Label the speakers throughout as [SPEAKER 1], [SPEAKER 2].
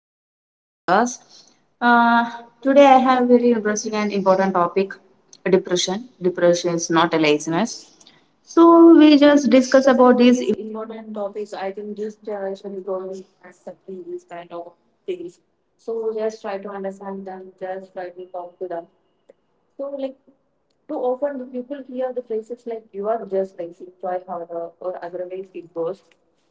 [SPEAKER 1] back
[SPEAKER 2] back.
[SPEAKER 1] to our new podcast. Uh, Today I
[SPEAKER 2] Today
[SPEAKER 1] have very interesting and important topic, depression. Depression is not a laziness.
[SPEAKER 2] so
[SPEAKER 1] So we just discuss about
[SPEAKER 2] this important topics. I think this generation is going accepting these kind of things. So just try to understand them, just try to talk to them. So like too often, the people hear the phrases like "you are just lazy," "try harder," or "otherwise it goes."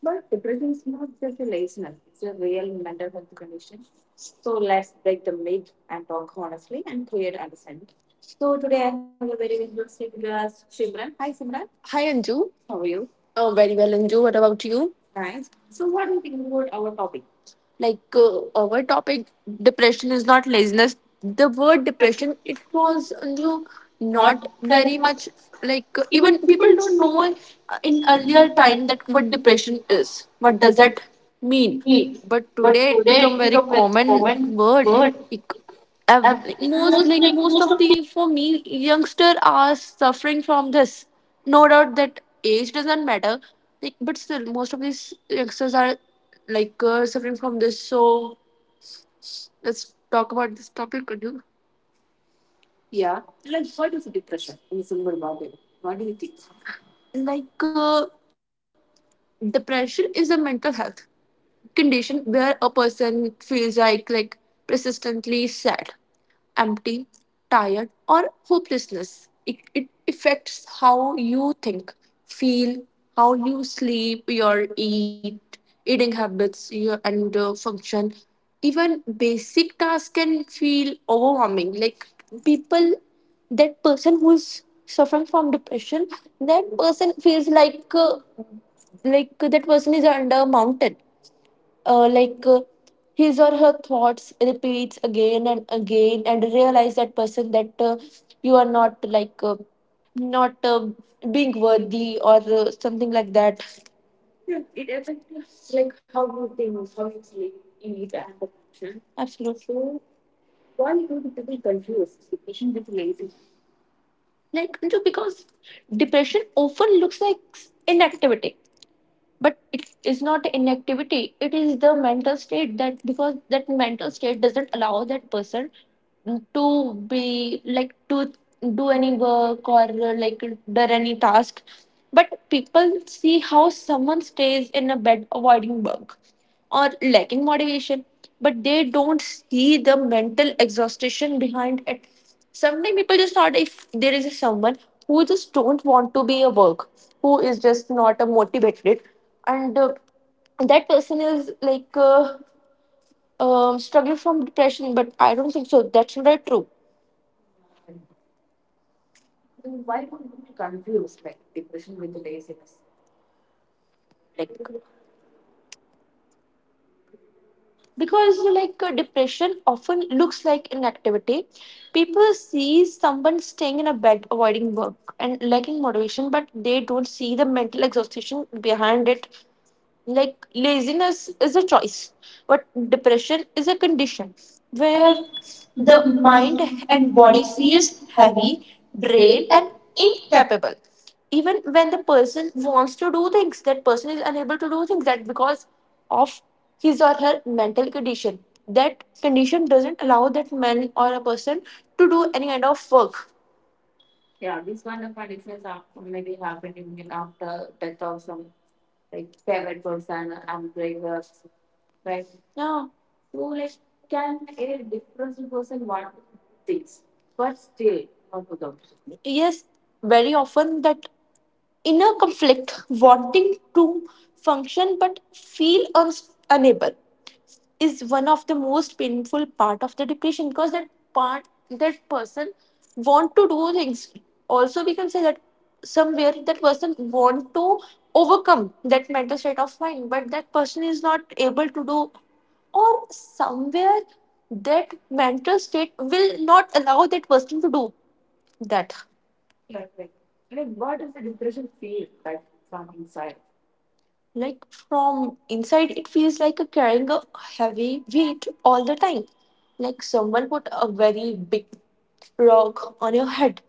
[SPEAKER 2] But depression is not just a laziness; it's a real mental health condition. So let's break the myth and talk honestly and create understanding. So today I have a very interesting guest, Simran. Hi, Simran. Hi Anju. How are you? Oh, very well, Anju. What about you? Nice. So what do you think about our topic? Our topic, depression is not laziness. The word depression, it was you, not very much, even people don't know, in earlier time, that what depression is, what does that mean. But today it become very common word. Like most, like most of the, for me, youngster are suffering from this. No doubt that age doesn't matter, like, but still most of these youngsters are suffering from this. So let's talk about this topic. Could you? Yeah. Like what is depression? In simple about it, what do you think? Depression is a mental health condition where a person feels like persistently sad, empty, tired, or hopelessness. It affects how you think, feel, how you sleep, your eat, eating habits, your, and function. Even basic tasks can feel overwhelming. Like people, that person who's suffering from depression, that person feels like like that person is under a mountain. uh, like uh, his or her thoughts repeats again and again, and realize that person that you are not not being worthy or something like that. Yeah, it affects like how you think, how you sleep, eat and function. Absolutely. So why do people confuse depression with laziness? Like you know, because depression often looks like inactivity, but it is not inactivity. It is the mental state, that because that mental state doesn't allow that person to be like to do any work or like do any task. But people see how someone stays in a bed avoiding work or lacking motivation, but they don't see the mental exhaustion behind it. Sometimes people just thought if there is someone who just don't want to be a work, who is just not a motivated, and that person is struggling from depression. But I don't think so. That's not true. Then why don't we confuse like depression with laziness? Because depression often looks like inactivity. People see someone staying in a bed avoiding work and lacking motivation, but they don't see the mental exhaustion behind it. Like laziness is a choice, but depression is a condition where the mind and body feels heavy, drained, and incapable. Even when the person wants to do things, that person is unable to do things, that because of his or her mental condition. That condition doesn't allow that man or a person to do any kind of work. Yeah, these kind of conditions are maybe happened even after death of some, like, favorite person and breakups, right? No, so like, can a different person want things, but still not to them. Yes, very often that inner conflict, wanting to function but feel unable, is one of the most painful part of the depression, because that part, that person want to do things. Also we can say that somewhere that person want to overcome that mental state of mind, but that person is not able to do, or somewhere that mental state will not allow that person to do that. Right, right. I mean, what does the depression feel like from inside? Like from inside, it feels like a carrying a heavy weight all the time. Like someone put a very big rock on your head.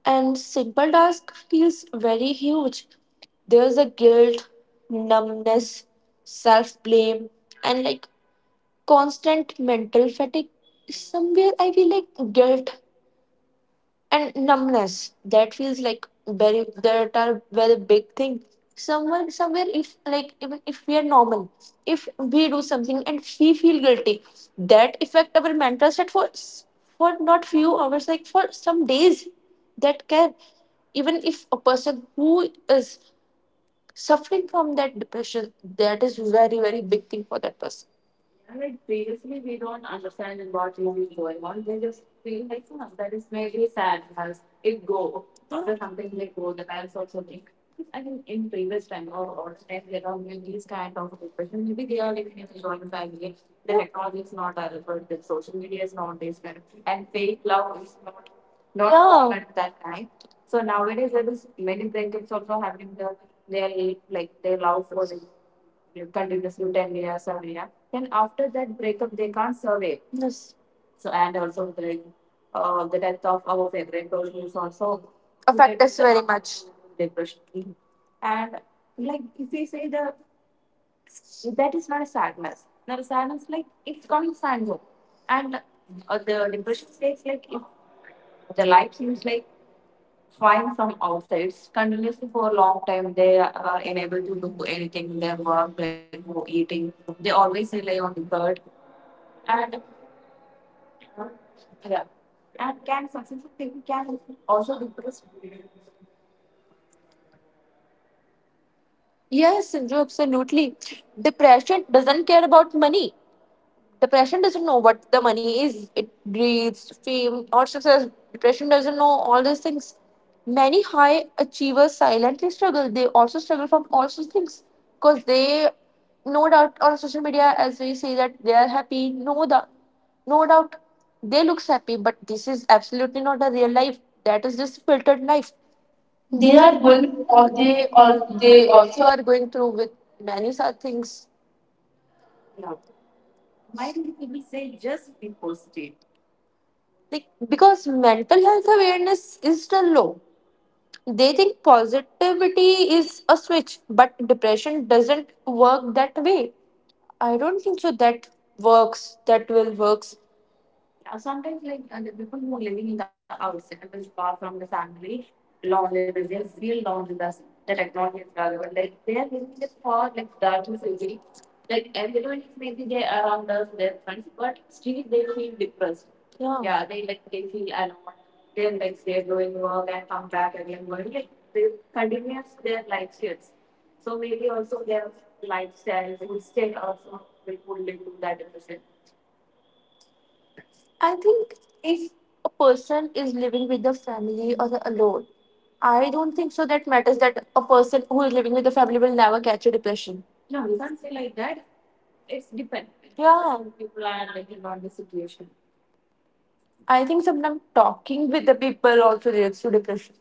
[SPEAKER 2] And simple task feels very huge. There's a guilt, numbness, self blame, and like constant mental fatigue. Somewhere I feel like guilt and numbness, that feels like very, that are very big thing. Somewhere if like if we are normal, if we do something and we feel guilty, that affect our mental state for for not few hours, like for some days, that can, even if a person who is suffering from that depression, that is very very big thing for that person. And like previously, we don't understand what is going on. They just feel like, oh, that is maybe sad as it go. Or something like go. The parents also think. I think in previous time or time, there are many these kind of depression. Maybe they are living in a joint family. The technology is not available. The social media is not this kind of, and fake love is not, not, yeah, common at that time. So nowadays there is many breakups also happening. That they like they love for continuously 10 years or yeah. Then after that breakup, they can't survive. Yes. So, and also like, the death of our favorite person is also affect us very much. Depression. And like if we say the, that is not a sadness, not the sadness, like it's called sadness, and the depression states like if the life seems like fine from outside. Continuously for a long time, they are unable to do anything in their work, like no eating, they always rely on the bird. And yeah, and can successful people can also depress? Yes. Yes, Sindhu, absolutely. Depression doesn't care about money. Depression doesn't know what the money is, it breeds fame or success. Depression doesn't know all these things. Many high achievers silently struggle. They also struggle from all those things because they, no doubt, on social media, as we say that they are happy, no doubt, no doubt, they looks happy, but this is absolutely not the real life. That is just filtered life. They are going, all they, all they also are going through with many such things. Yeah. Why do people say just be positive? Like, because mental health awareness is still low. They think positivity is a switch, but depression doesn't work that way. I don't think so that works, that will works. Sometimes, the people who are living in the outside, which far from the family, lonely, they just feel lonely. That's the technology is relevant. Like they are living just for like darkness only. Like everyone is maybe they around us, their friends, but still they feel depressed. Yeah. Yeah, they like they feel alone. Then like they're going work and come back again going like, they continues their lifestyles. So maybe also their lifestyle, instead also they would lead to that depression. I think if a person is living with the family or alone, I don't think so that matters that a person who is living with the family will never catch a depression. No, you can't say like that. It's depend. Yeah. People are depending on the situation. I think sometimes talking with the people also leads to depression.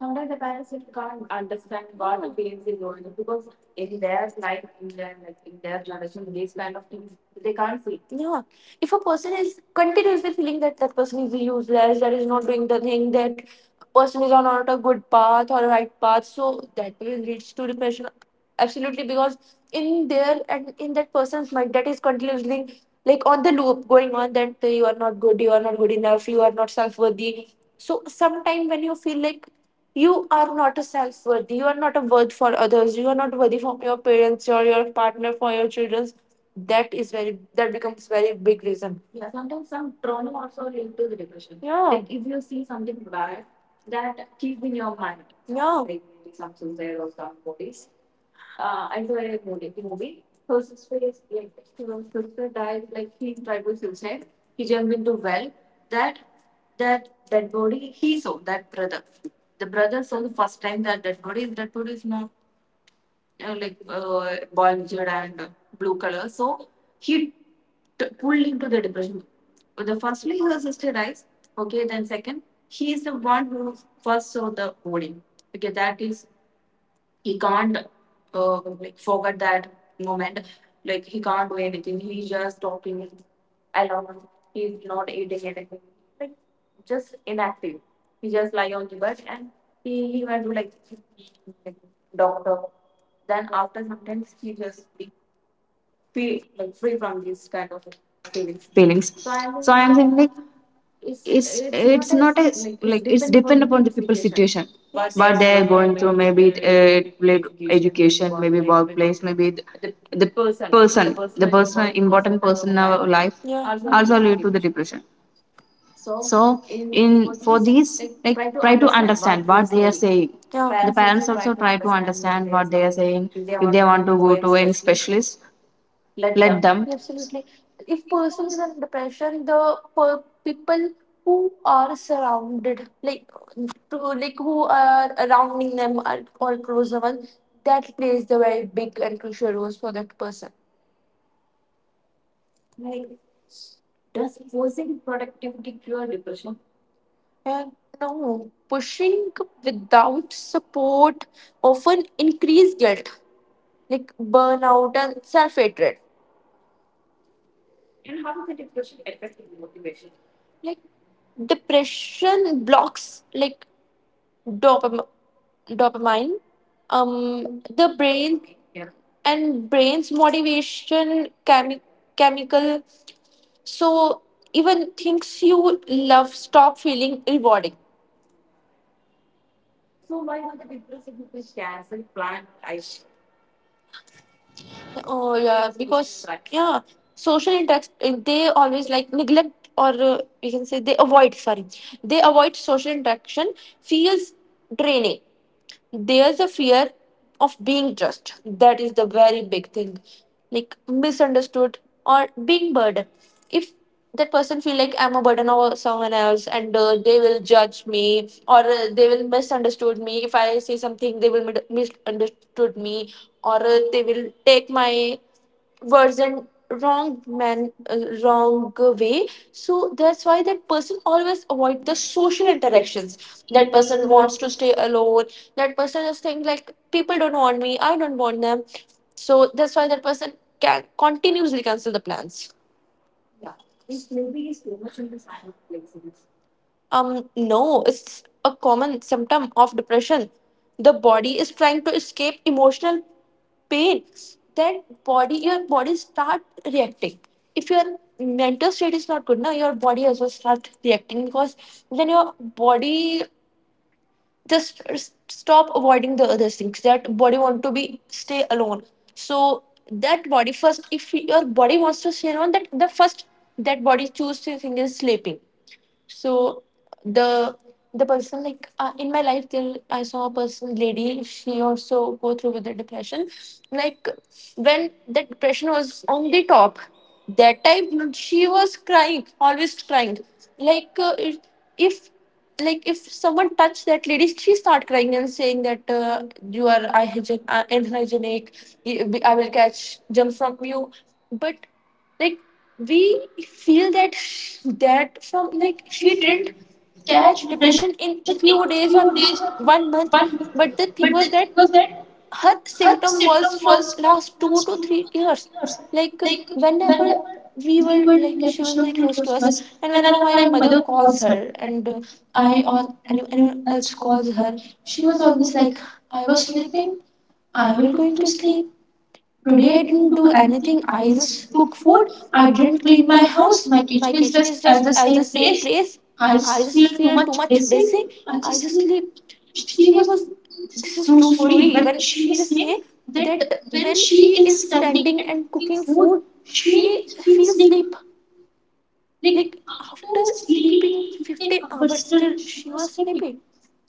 [SPEAKER 2] Sometimes the parents just can't understand what the feelings is going on, because in their life, in their, like in their generation, these kind of things they can't see. Yeah. If a person is continuously feeling that that person is useless, that is not doing the thing, that person is on not a good path or right path, so that will leads to depression. Absolutely, because in there and in that person's mind, that is continuously like on the loop going on, that you are not good, you are not good enough, you are not self worthy. So sometime when you feel like you are not a self worthy, you are not a worth for others, you are not worthy for your parents or your partner, for your children. That is very, that becomes very big reason. Yeah, sometimes some trauma also linked to the depression. Yeah. Like if you see something bad, that keep in your mind. Yeah. Like some suicide or some movies. I saw a movie. Her sister is like, her sister died. Like he tried to suicide. He jumped into well. That that dead body he saw, that brother. The brother saw the first time that dead body. His dead body is not bulged and blue color. So he pulled into the depression. The firstly her sister dies. Okay, then second, he is the one who first saw the body. Okay, that is, he can't like forget that moment. Like he can't do anything. He's just talking alone. He's not eating anything. Like just inactive. He just lie on the bed, and he went to like doctor. Then after sometimes he just be, like free from these kind of feelings. So
[SPEAKER 1] feelings.
[SPEAKER 2] I would
[SPEAKER 1] So I
[SPEAKER 2] like
[SPEAKER 1] am saying like
[SPEAKER 2] it's it's not
[SPEAKER 1] it's
[SPEAKER 2] as
[SPEAKER 1] not as
[SPEAKER 2] like it's
[SPEAKER 1] like it's
[SPEAKER 2] depend upon the
[SPEAKER 1] depend upon the
[SPEAKER 2] people's
[SPEAKER 1] people's
[SPEAKER 2] situation.
[SPEAKER 1] situation,
[SPEAKER 2] What? Yes, they're
[SPEAKER 1] what they are
[SPEAKER 2] going to
[SPEAKER 1] going through.
[SPEAKER 2] maybe
[SPEAKER 1] Maybe it, related to education, maybe workplace, maybe
[SPEAKER 2] the
[SPEAKER 1] the
[SPEAKER 2] person, the
[SPEAKER 1] person,
[SPEAKER 2] person
[SPEAKER 1] important person in our life,
[SPEAKER 2] Yeah. Also, we-
[SPEAKER 1] also lead to the depression.
[SPEAKER 2] so
[SPEAKER 1] So
[SPEAKER 2] in
[SPEAKER 1] in for these, like,
[SPEAKER 2] try to
[SPEAKER 1] try to
[SPEAKER 2] understand.
[SPEAKER 1] understand what they are saying.
[SPEAKER 2] Yeah,
[SPEAKER 1] The
[SPEAKER 2] parents,
[SPEAKER 1] parents also try to understand what they are saying.
[SPEAKER 2] if they
[SPEAKER 1] If
[SPEAKER 2] want
[SPEAKER 1] they
[SPEAKER 2] to
[SPEAKER 1] want to go to any
[SPEAKER 2] wish list,
[SPEAKER 1] specialist,
[SPEAKER 2] let
[SPEAKER 1] let
[SPEAKER 2] them.
[SPEAKER 1] them.
[SPEAKER 2] Absolutely. If person is under pressure, people who are surrounded, like to like who are surrounding them, or closer one, that plays the very big and crucial roles for that person. Like, does forcing productivity cure depression? And no, pushing without support often increase guilt, like burnout and self hatred. And how does the depression affect the motivation? Like depression blocks like dopam- dopamine, the brain. Yeah. And brain's motivation chemical. So even things you love stop feeling rewarding. So why not the depression people cancel plan? I— oh yeah, because yeah, social interact they always like neglect, or we can say they avoid. Sorry, they avoid social interaction. Feels draining. There's a fear of being judged. That is the very big thing, like misunderstood or being burden. If that person feel like I'm a burden over someone else, and they will judge me, or they will misunderstood me. If I say something, they will misunderstood me, or they will take my version wrong, man, wrong way. So that's why that person always avoid the social interactions. That person wants to stay alone. That person is think like people don't want me, I don't want them. So that's why that person can continuously cancel the plans. Yeah. This maybe is too much in the side of flexibility. No, it's a common symptom of depression. The body is trying to escape emotional pain. Then body, your body start reacting. If your mental state is not good, now your body as well start reacting, because then your body just stop avoiding the other things. That body want to be stay alone. So that body first, if your body wants to stay alone, that the first that body choose to think is sleeping. So the the person like in my life, there I saw a person lady, she also go through with the depression. Like when the depression was on the top, that time she was crying, always crying, like if- like if someone touched that lady, she start crying and saying that you are unhygienic, unhygienic. I will catch germs from you. But like we feel that that from like she didn't catch depression in few days or 1 month. But the thing was that her symptom was from last 2 to 3 years. Like whenever we were like she was very close to us, and whenever my mother calls her, and I or anyone else calls her, she was always like, I was sleeping, I will going to sleep. Today I didn't do anything. I just cook food. I didn't clean my house. My kitchen is just at the same place. I just feel too much dizzy. I just sleep. She was— this is true story. When she just say that, when she is standing and cooking food, she feels sleep. Like after sleeping 15 hours still she was sleeping.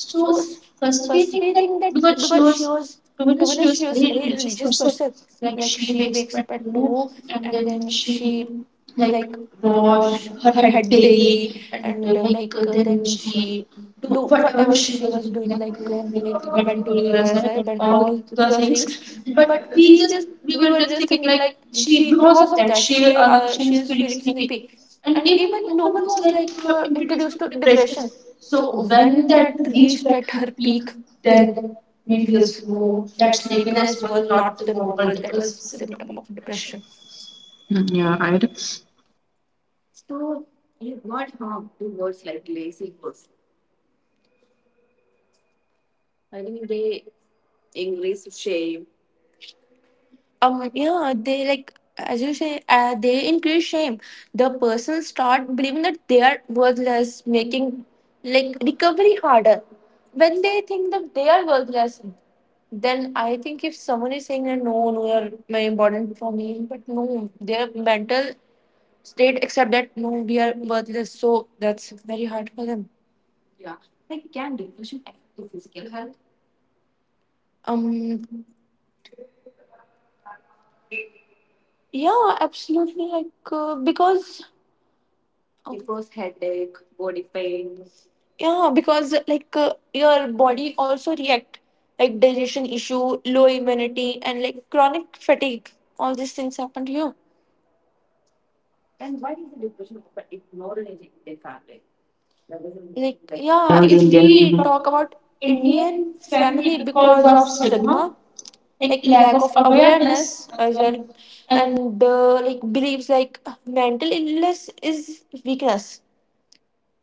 [SPEAKER 2] So s- firstly, I think that because she was, to be honest, she was a very religious person. Like she wakes up at two, and then she like wash her head daily, and then she do whatever she was doing, like went to gurudwara Sahib and all the things. But we were just thinking like she, because of that, she is feeling sleepy. And even no one was like introduced to depression. So when that reached at her peak, then we feel, no, that sleepiness was not the normal, that was symptom of depression.
[SPEAKER 1] Mm, yeah, right.
[SPEAKER 2] So you got harmed to words like lazy person. I think they increase shame. Um, yeah, they like, as you say, they increase shame. The person start believing that they are worthless, making like recovery harder. When they think that they are worthless, then I think if someone is saying that, no, no, you're my important for me. But no, their mental state accept that, no, we are worthless. So that's very hard for them. Yeah. Like, can depression affect the physical health? Um, yeah, absolutely. Like, because it was headache, body pain. Yeah, because like your body also react, like digestion issue, low immunity, and like chronic fatigue. All these things happen to you. And why is the depression often ignored in Indian family? That doesn't— like, yeah,
[SPEAKER 1] The
[SPEAKER 2] if
[SPEAKER 1] Indian. Mhm.
[SPEAKER 2] we talk about Indian family, because of stigma, like lack of awareness as well, and like believes like mental illness is weakness.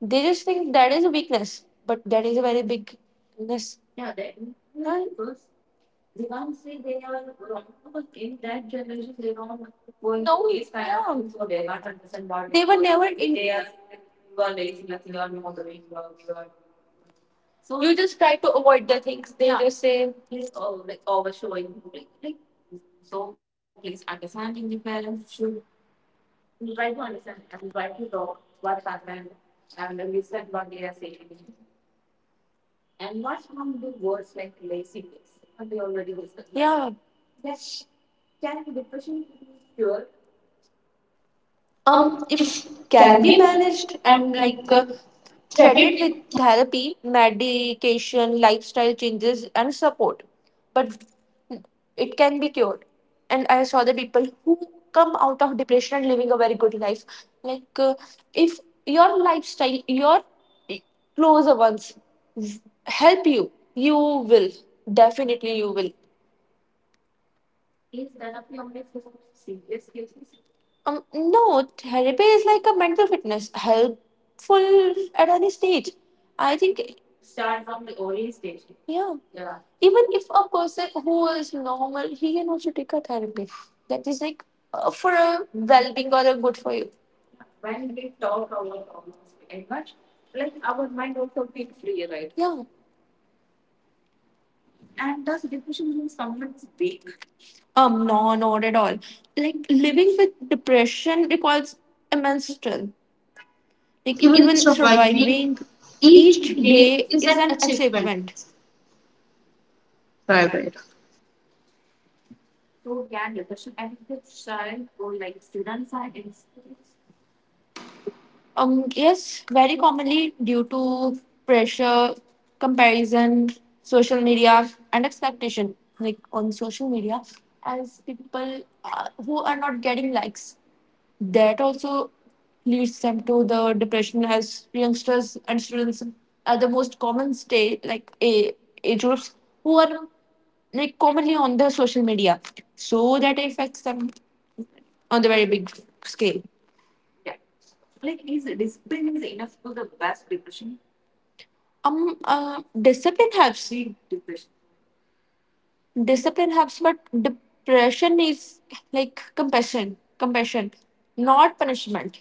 [SPEAKER 2] They just think that is a weakness, but that is a very big illness. Yeah, that, because they can't say they are wrong, because in that generation they don't going, no, through these kind of, yeah, things, so they can't understand what they were never in. They are like, you are lazy, nothing, you are not doing work, you are, so you just try to avoid the things, they, yeah, just say. Please, oh, like overshowing. Like, so please understanding, the parents should, you try to understand and try to talk what happened, and listen what they are saying, and not from the words like laziness. What they already discussed. Yeah. That can depression cure? Um, if can be managed, and like treated with therapy, medication, lifestyle changes and support. But it can be cured. And I saw the people who come out of depression and living a very good life. Like if your lifestyle, your eh, closer ones help you, you will, definitely you will. Um, no, therapy is like a mental fitness, helpful at any stage. I think. Yeah. Even if a person who is normal, he can also take a therapy. That is like for a well being or a good for you. Yeah. No, not at all. Like living with depression requires immense strength. Like even surviving each day is an achievement.
[SPEAKER 1] Right, right.
[SPEAKER 2] Yes, very commonly due to pressure, comparison, social media, and expectation. Like on social media, as people who are not getting likes, that also leads them to the depression, as youngsters and students are the most common stay, like a age groups who are like commonly on the social media, so that affects them on the very big scale. Yeah. Like, is discipline is enough to the best depression? Discipline helps. Need depression, discipline helps, but depression is like compassion, compassion, not punishment.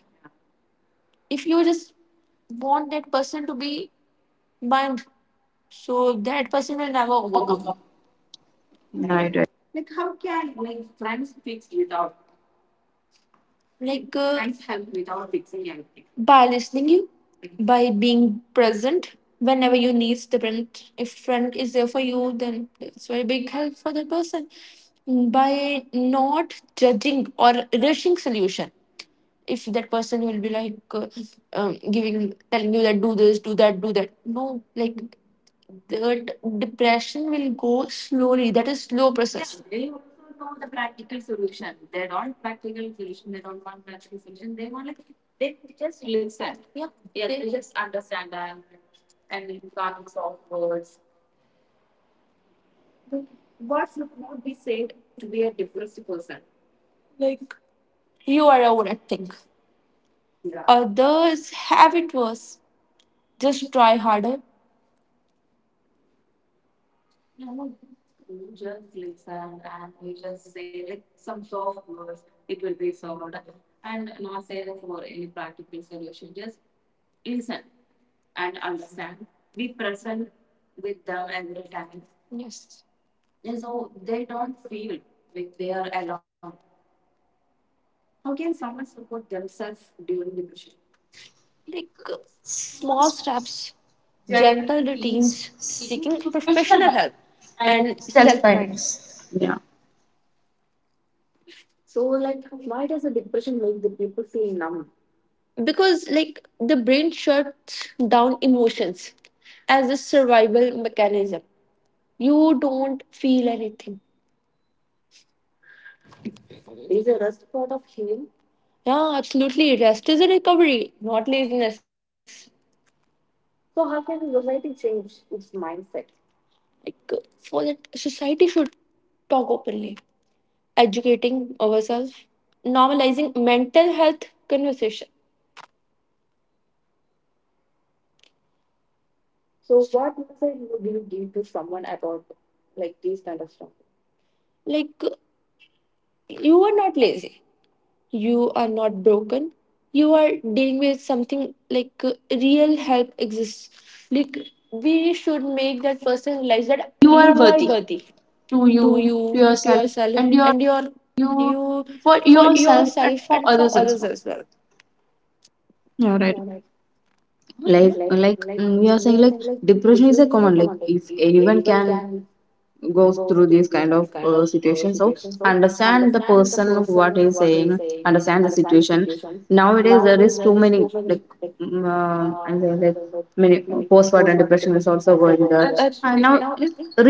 [SPEAKER 2] If you just want that person to be bound, so that person will never overcome.
[SPEAKER 1] Right, right.
[SPEAKER 2] Right. Like how can like friends fix without like friends help without fixing anything? By listening you, by being present whenever you need the friend. If friend is there for you, then it's very big help for that person. By not judging or rushing solution. If that person will be like giving, telling you that do this, do that, do that, no, like that, depression will go slowly, that is slow process. Yeah. They also know the practical solution. They don't practical solution. They don't want practical solution. They want like they just listen. Yeah. Yeah, they just understand them, and can't solve words. The words would not be said to be a depressed person. Like, you are overacting. Yeah. Others have it worse. Just try harder. Yes. Like small steps, gentle routines, seeking professional help, and self kindness.
[SPEAKER 1] Yeah.
[SPEAKER 2] So, like, why does the depression make the people feel numb? Because, like, the brain shuts down emotions as a survival mechanism. You don't feel anything. Is a rest part of healing? Yeah, absolutely. Rest is a recovery, not laziness. So, how can society change its mindset? Like, for that, society should talk openly, educating ourselves, normalizing mental health conversation. So what message would you give to someone about like these kind of stuff? Like, you are not lazy, you are not broken, you are dealing with something. Like real help exists. Like, we should make that person realize that you are worthy to you, to yourself, and your, you, for yourself and for others as well.
[SPEAKER 1] Yeah,
[SPEAKER 2] Yeah,
[SPEAKER 1] right.
[SPEAKER 2] like, huh?
[SPEAKER 1] like
[SPEAKER 2] like,
[SPEAKER 1] like,
[SPEAKER 2] like
[SPEAKER 1] mm, we are
[SPEAKER 2] we are
[SPEAKER 1] saying
[SPEAKER 2] saying,
[SPEAKER 1] like
[SPEAKER 2] like
[SPEAKER 1] depression
[SPEAKER 2] depression
[SPEAKER 1] is a
[SPEAKER 2] is a
[SPEAKER 1] common,
[SPEAKER 2] common
[SPEAKER 1] like
[SPEAKER 2] thing.
[SPEAKER 1] if
[SPEAKER 2] If
[SPEAKER 1] anyone
[SPEAKER 2] anyone
[SPEAKER 1] can
[SPEAKER 2] can
[SPEAKER 1] goes
[SPEAKER 2] go
[SPEAKER 1] through
[SPEAKER 2] through
[SPEAKER 1] these
[SPEAKER 2] these
[SPEAKER 1] kind
[SPEAKER 2] kind
[SPEAKER 1] of
[SPEAKER 2] of
[SPEAKER 1] situations.
[SPEAKER 2] situations,
[SPEAKER 1] So
[SPEAKER 2] so
[SPEAKER 1] understand the
[SPEAKER 2] understand the
[SPEAKER 1] person
[SPEAKER 2] person
[SPEAKER 1] what
[SPEAKER 2] what
[SPEAKER 1] he's
[SPEAKER 2] is
[SPEAKER 1] saying,
[SPEAKER 2] saying,
[SPEAKER 1] understand the
[SPEAKER 2] understand the
[SPEAKER 1] situation.
[SPEAKER 2] situation.
[SPEAKER 1] Nowadays
[SPEAKER 2] Nowadays,
[SPEAKER 1] there
[SPEAKER 2] there
[SPEAKER 1] is
[SPEAKER 2] is
[SPEAKER 1] too
[SPEAKER 2] so
[SPEAKER 1] many,
[SPEAKER 2] many
[SPEAKER 1] like
[SPEAKER 2] like, uh,
[SPEAKER 1] I'm
[SPEAKER 2] and
[SPEAKER 1] saying,
[SPEAKER 2] the,
[SPEAKER 1] like
[SPEAKER 2] the
[SPEAKER 1] many
[SPEAKER 2] many
[SPEAKER 1] postpartum
[SPEAKER 2] postpartum
[SPEAKER 1] depression
[SPEAKER 2] depression
[SPEAKER 1] is
[SPEAKER 2] is
[SPEAKER 1] also
[SPEAKER 2] also
[SPEAKER 1] going
[SPEAKER 2] going there.
[SPEAKER 1] there.
[SPEAKER 2] And
[SPEAKER 1] And
[SPEAKER 2] absolutely,
[SPEAKER 1] now
[SPEAKER 2] now,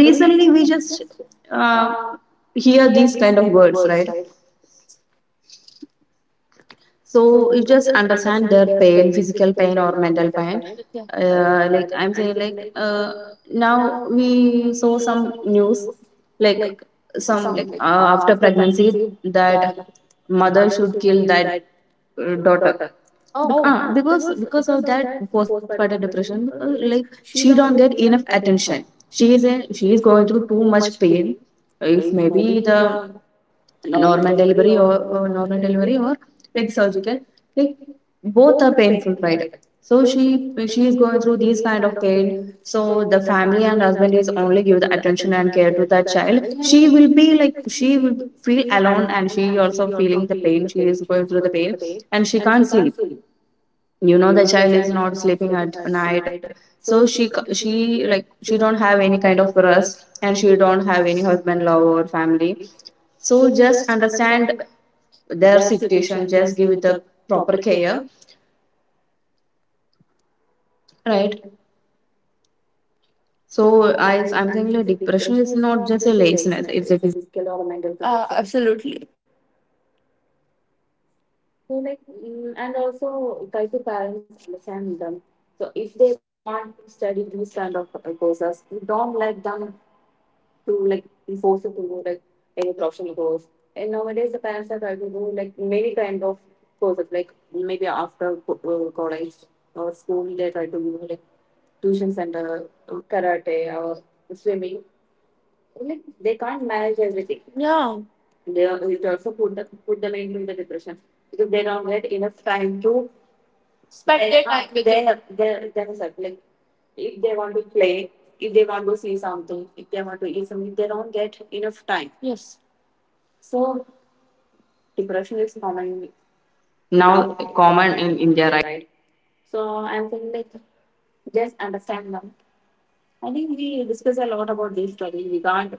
[SPEAKER 1] recently we
[SPEAKER 2] you
[SPEAKER 1] just
[SPEAKER 2] just
[SPEAKER 1] uh,
[SPEAKER 2] uh,
[SPEAKER 1] hear
[SPEAKER 2] hear
[SPEAKER 1] these
[SPEAKER 2] these
[SPEAKER 1] kind of
[SPEAKER 2] kind of
[SPEAKER 1] words,
[SPEAKER 2] words,
[SPEAKER 1] right?
[SPEAKER 2] right?
[SPEAKER 1] So
[SPEAKER 2] So
[SPEAKER 1] you
[SPEAKER 2] we
[SPEAKER 1] just
[SPEAKER 2] just
[SPEAKER 1] understand
[SPEAKER 2] understand
[SPEAKER 1] their
[SPEAKER 2] their
[SPEAKER 1] pain,
[SPEAKER 2] pain,
[SPEAKER 1] physical
[SPEAKER 2] physical
[SPEAKER 1] pain
[SPEAKER 2] pain
[SPEAKER 1] or
[SPEAKER 2] or
[SPEAKER 1] mental
[SPEAKER 2] mental
[SPEAKER 1] pain.
[SPEAKER 2] pain. Yeah.
[SPEAKER 1] Like,
[SPEAKER 2] Like
[SPEAKER 1] I'm
[SPEAKER 2] and
[SPEAKER 1] saying,
[SPEAKER 2] then like
[SPEAKER 1] now
[SPEAKER 2] now
[SPEAKER 1] we
[SPEAKER 2] we
[SPEAKER 1] saw
[SPEAKER 2] saw
[SPEAKER 1] some
[SPEAKER 2] some
[SPEAKER 1] news,
[SPEAKER 2] news
[SPEAKER 1] like
[SPEAKER 2] like
[SPEAKER 1] some,
[SPEAKER 2] some
[SPEAKER 1] after
[SPEAKER 2] after we
[SPEAKER 1] pregnancy
[SPEAKER 2] see
[SPEAKER 1] that
[SPEAKER 2] that,
[SPEAKER 1] mother should kill that daughter. Bec- Oh,
[SPEAKER 2] oh,
[SPEAKER 1] ah, because because of that postpartum depression, because like she don't get enough attention, she is
[SPEAKER 2] she's
[SPEAKER 1] going through
[SPEAKER 2] going through
[SPEAKER 1] too much pain.
[SPEAKER 2] pain,
[SPEAKER 1] If maybe the
[SPEAKER 2] the
[SPEAKER 1] normal
[SPEAKER 2] normal
[SPEAKER 1] delivery or
[SPEAKER 2] or
[SPEAKER 1] normal delivery or like surgical, like both are painful, right? So
[SPEAKER 2] so she
[SPEAKER 1] she is
[SPEAKER 2] is
[SPEAKER 1] going
[SPEAKER 2] going
[SPEAKER 1] through these
[SPEAKER 2] through
[SPEAKER 1] kind of pain.
[SPEAKER 2] pain.
[SPEAKER 1] So the
[SPEAKER 2] So the
[SPEAKER 1] family
[SPEAKER 2] family
[SPEAKER 1] and
[SPEAKER 2] and
[SPEAKER 1] husband is
[SPEAKER 2] husband is
[SPEAKER 1] only
[SPEAKER 2] only
[SPEAKER 1] give the
[SPEAKER 2] give the
[SPEAKER 1] attention and care to that child. she
[SPEAKER 2] attention.
[SPEAKER 1] yes. will
[SPEAKER 2] Yeah.
[SPEAKER 1] be like she will feel alone, and she also feeling the pain, she is going through the
[SPEAKER 2] To the
[SPEAKER 1] pain.
[SPEAKER 2] pain.
[SPEAKER 1] And she can't sleep, you know the child is not sleeping at night.
[SPEAKER 2] Denied.
[SPEAKER 1] So
[SPEAKER 2] So she
[SPEAKER 1] she,
[SPEAKER 2] she,
[SPEAKER 1] like,
[SPEAKER 2] like
[SPEAKER 1] she
[SPEAKER 2] she
[SPEAKER 1] don't
[SPEAKER 2] don't
[SPEAKER 1] have
[SPEAKER 2] have
[SPEAKER 1] any
[SPEAKER 2] any
[SPEAKER 1] kind
[SPEAKER 2] kind
[SPEAKER 1] of
[SPEAKER 2] of
[SPEAKER 1] rest,
[SPEAKER 2] rust,
[SPEAKER 1] and
[SPEAKER 2] and
[SPEAKER 1] she
[SPEAKER 2] she
[SPEAKER 1] don't
[SPEAKER 2] don't
[SPEAKER 1] have
[SPEAKER 2] have
[SPEAKER 1] any
[SPEAKER 2] any
[SPEAKER 1] husband
[SPEAKER 2] husband
[SPEAKER 1] love
[SPEAKER 2] or
[SPEAKER 1] or family.
[SPEAKER 2] family.
[SPEAKER 1] So
[SPEAKER 2] So
[SPEAKER 1] just
[SPEAKER 2] just
[SPEAKER 1] understand
[SPEAKER 2] understand
[SPEAKER 1] their
[SPEAKER 2] their
[SPEAKER 1] situation,
[SPEAKER 2] situation,
[SPEAKER 1] just
[SPEAKER 2] just
[SPEAKER 1] give it
[SPEAKER 2] give
[SPEAKER 1] a
[SPEAKER 2] the
[SPEAKER 1] proper
[SPEAKER 2] proper
[SPEAKER 1] care.
[SPEAKER 2] care. Right.
[SPEAKER 1] So
[SPEAKER 2] So
[SPEAKER 1] i
[SPEAKER 2] I
[SPEAKER 1] i'm
[SPEAKER 2] I'm
[SPEAKER 1] saying like
[SPEAKER 2] thinking
[SPEAKER 1] depression
[SPEAKER 2] depression
[SPEAKER 1] is
[SPEAKER 2] is
[SPEAKER 1] not
[SPEAKER 2] not
[SPEAKER 1] just a
[SPEAKER 2] just a
[SPEAKER 1] laziness,
[SPEAKER 2] laziness, it's a physical or mental condition. Absolutely. So like, mm, and also try to parents understand them. So if they want to study these kind of courses, don't let them to like force it to go like any professional course. And nowadays the parents are trying to do like many kind of courses, like maybe after college or school they try to do like tuition center, karate or swimming. Like they can't manage everything. Yeah. They are, it also put them into the depression, because they don't get enough time to spend their time with, they have, they, there is a like, if they want to play, if they want to see something, if they want to eat something, they don't get enough time. Yes. So depression is common
[SPEAKER 1] now
[SPEAKER 2] now,
[SPEAKER 1] common
[SPEAKER 2] common
[SPEAKER 1] in
[SPEAKER 2] in
[SPEAKER 1] India,
[SPEAKER 2] India,
[SPEAKER 1] right?
[SPEAKER 2] right? So I'm saying like, just understand them. I think we discuss a lot about these topics. We can't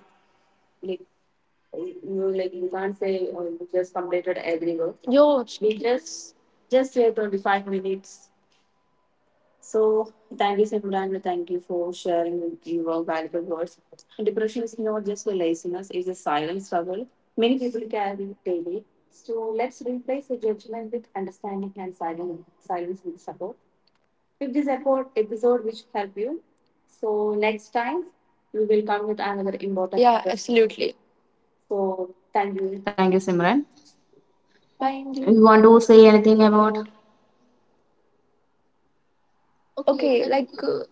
[SPEAKER 2] like, you like you can't say, oh, you just completed every work. Yo, we just say 25 minutes. So thank you, Simran. Thank you for sharing with your valuable words. Depression is not just a laziness, it's a silent struggle. Many people carry it daily. So let's replace the judgment with understanding, and silence, silence with support. If this episode which help you, so next time we will come with another important, yeah, topic. Absolutely. So
[SPEAKER 1] Thank
[SPEAKER 2] thank
[SPEAKER 1] you,
[SPEAKER 2] you,
[SPEAKER 1] Simran.
[SPEAKER 2] Simran. Mind you.
[SPEAKER 1] You
[SPEAKER 2] You
[SPEAKER 1] want
[SPEAKER 2] want
[SPEAKER 1] to
[SPEAKER 2] to
[SPEAKER 1] say
[SPEAKER 2] say
[SPEAKER 1] anything
[SPEAKER 2] anything
[SPEAKER 1] about?
[SPEAKER 2] about? Okay, like uh,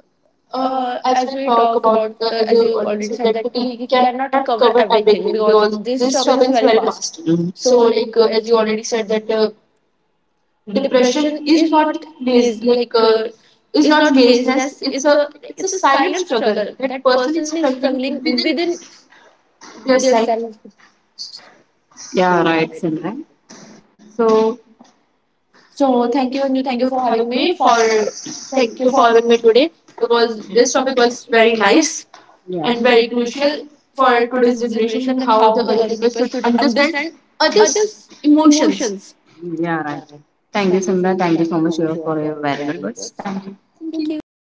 [SPEAKER 2] uh, as we talk about the, as you already said, that we cannot cover everything because this topic is very vast.
[SPEAKER 1] Mhm.
[SPEAKER 2] So like as you already said that depression is not laz- like is not laziness, it's a silent struggle, that person is struggling within their self.
[SPEAKER 1] Yeah, right, Simran.
[SPEAKER 2] So thank you, Anju. Thank you for having me, because it's very nice
[SPEAKER 1] Yeah.
[SPEAKER 2] and very crucial for today's generation, that how the other people understand other emotions.
[SPEAKER 1] Yeah, right. Thank you, Simran. Thank you so much for your valuable words. Thank you.
[SPEAKER 2] Thank you.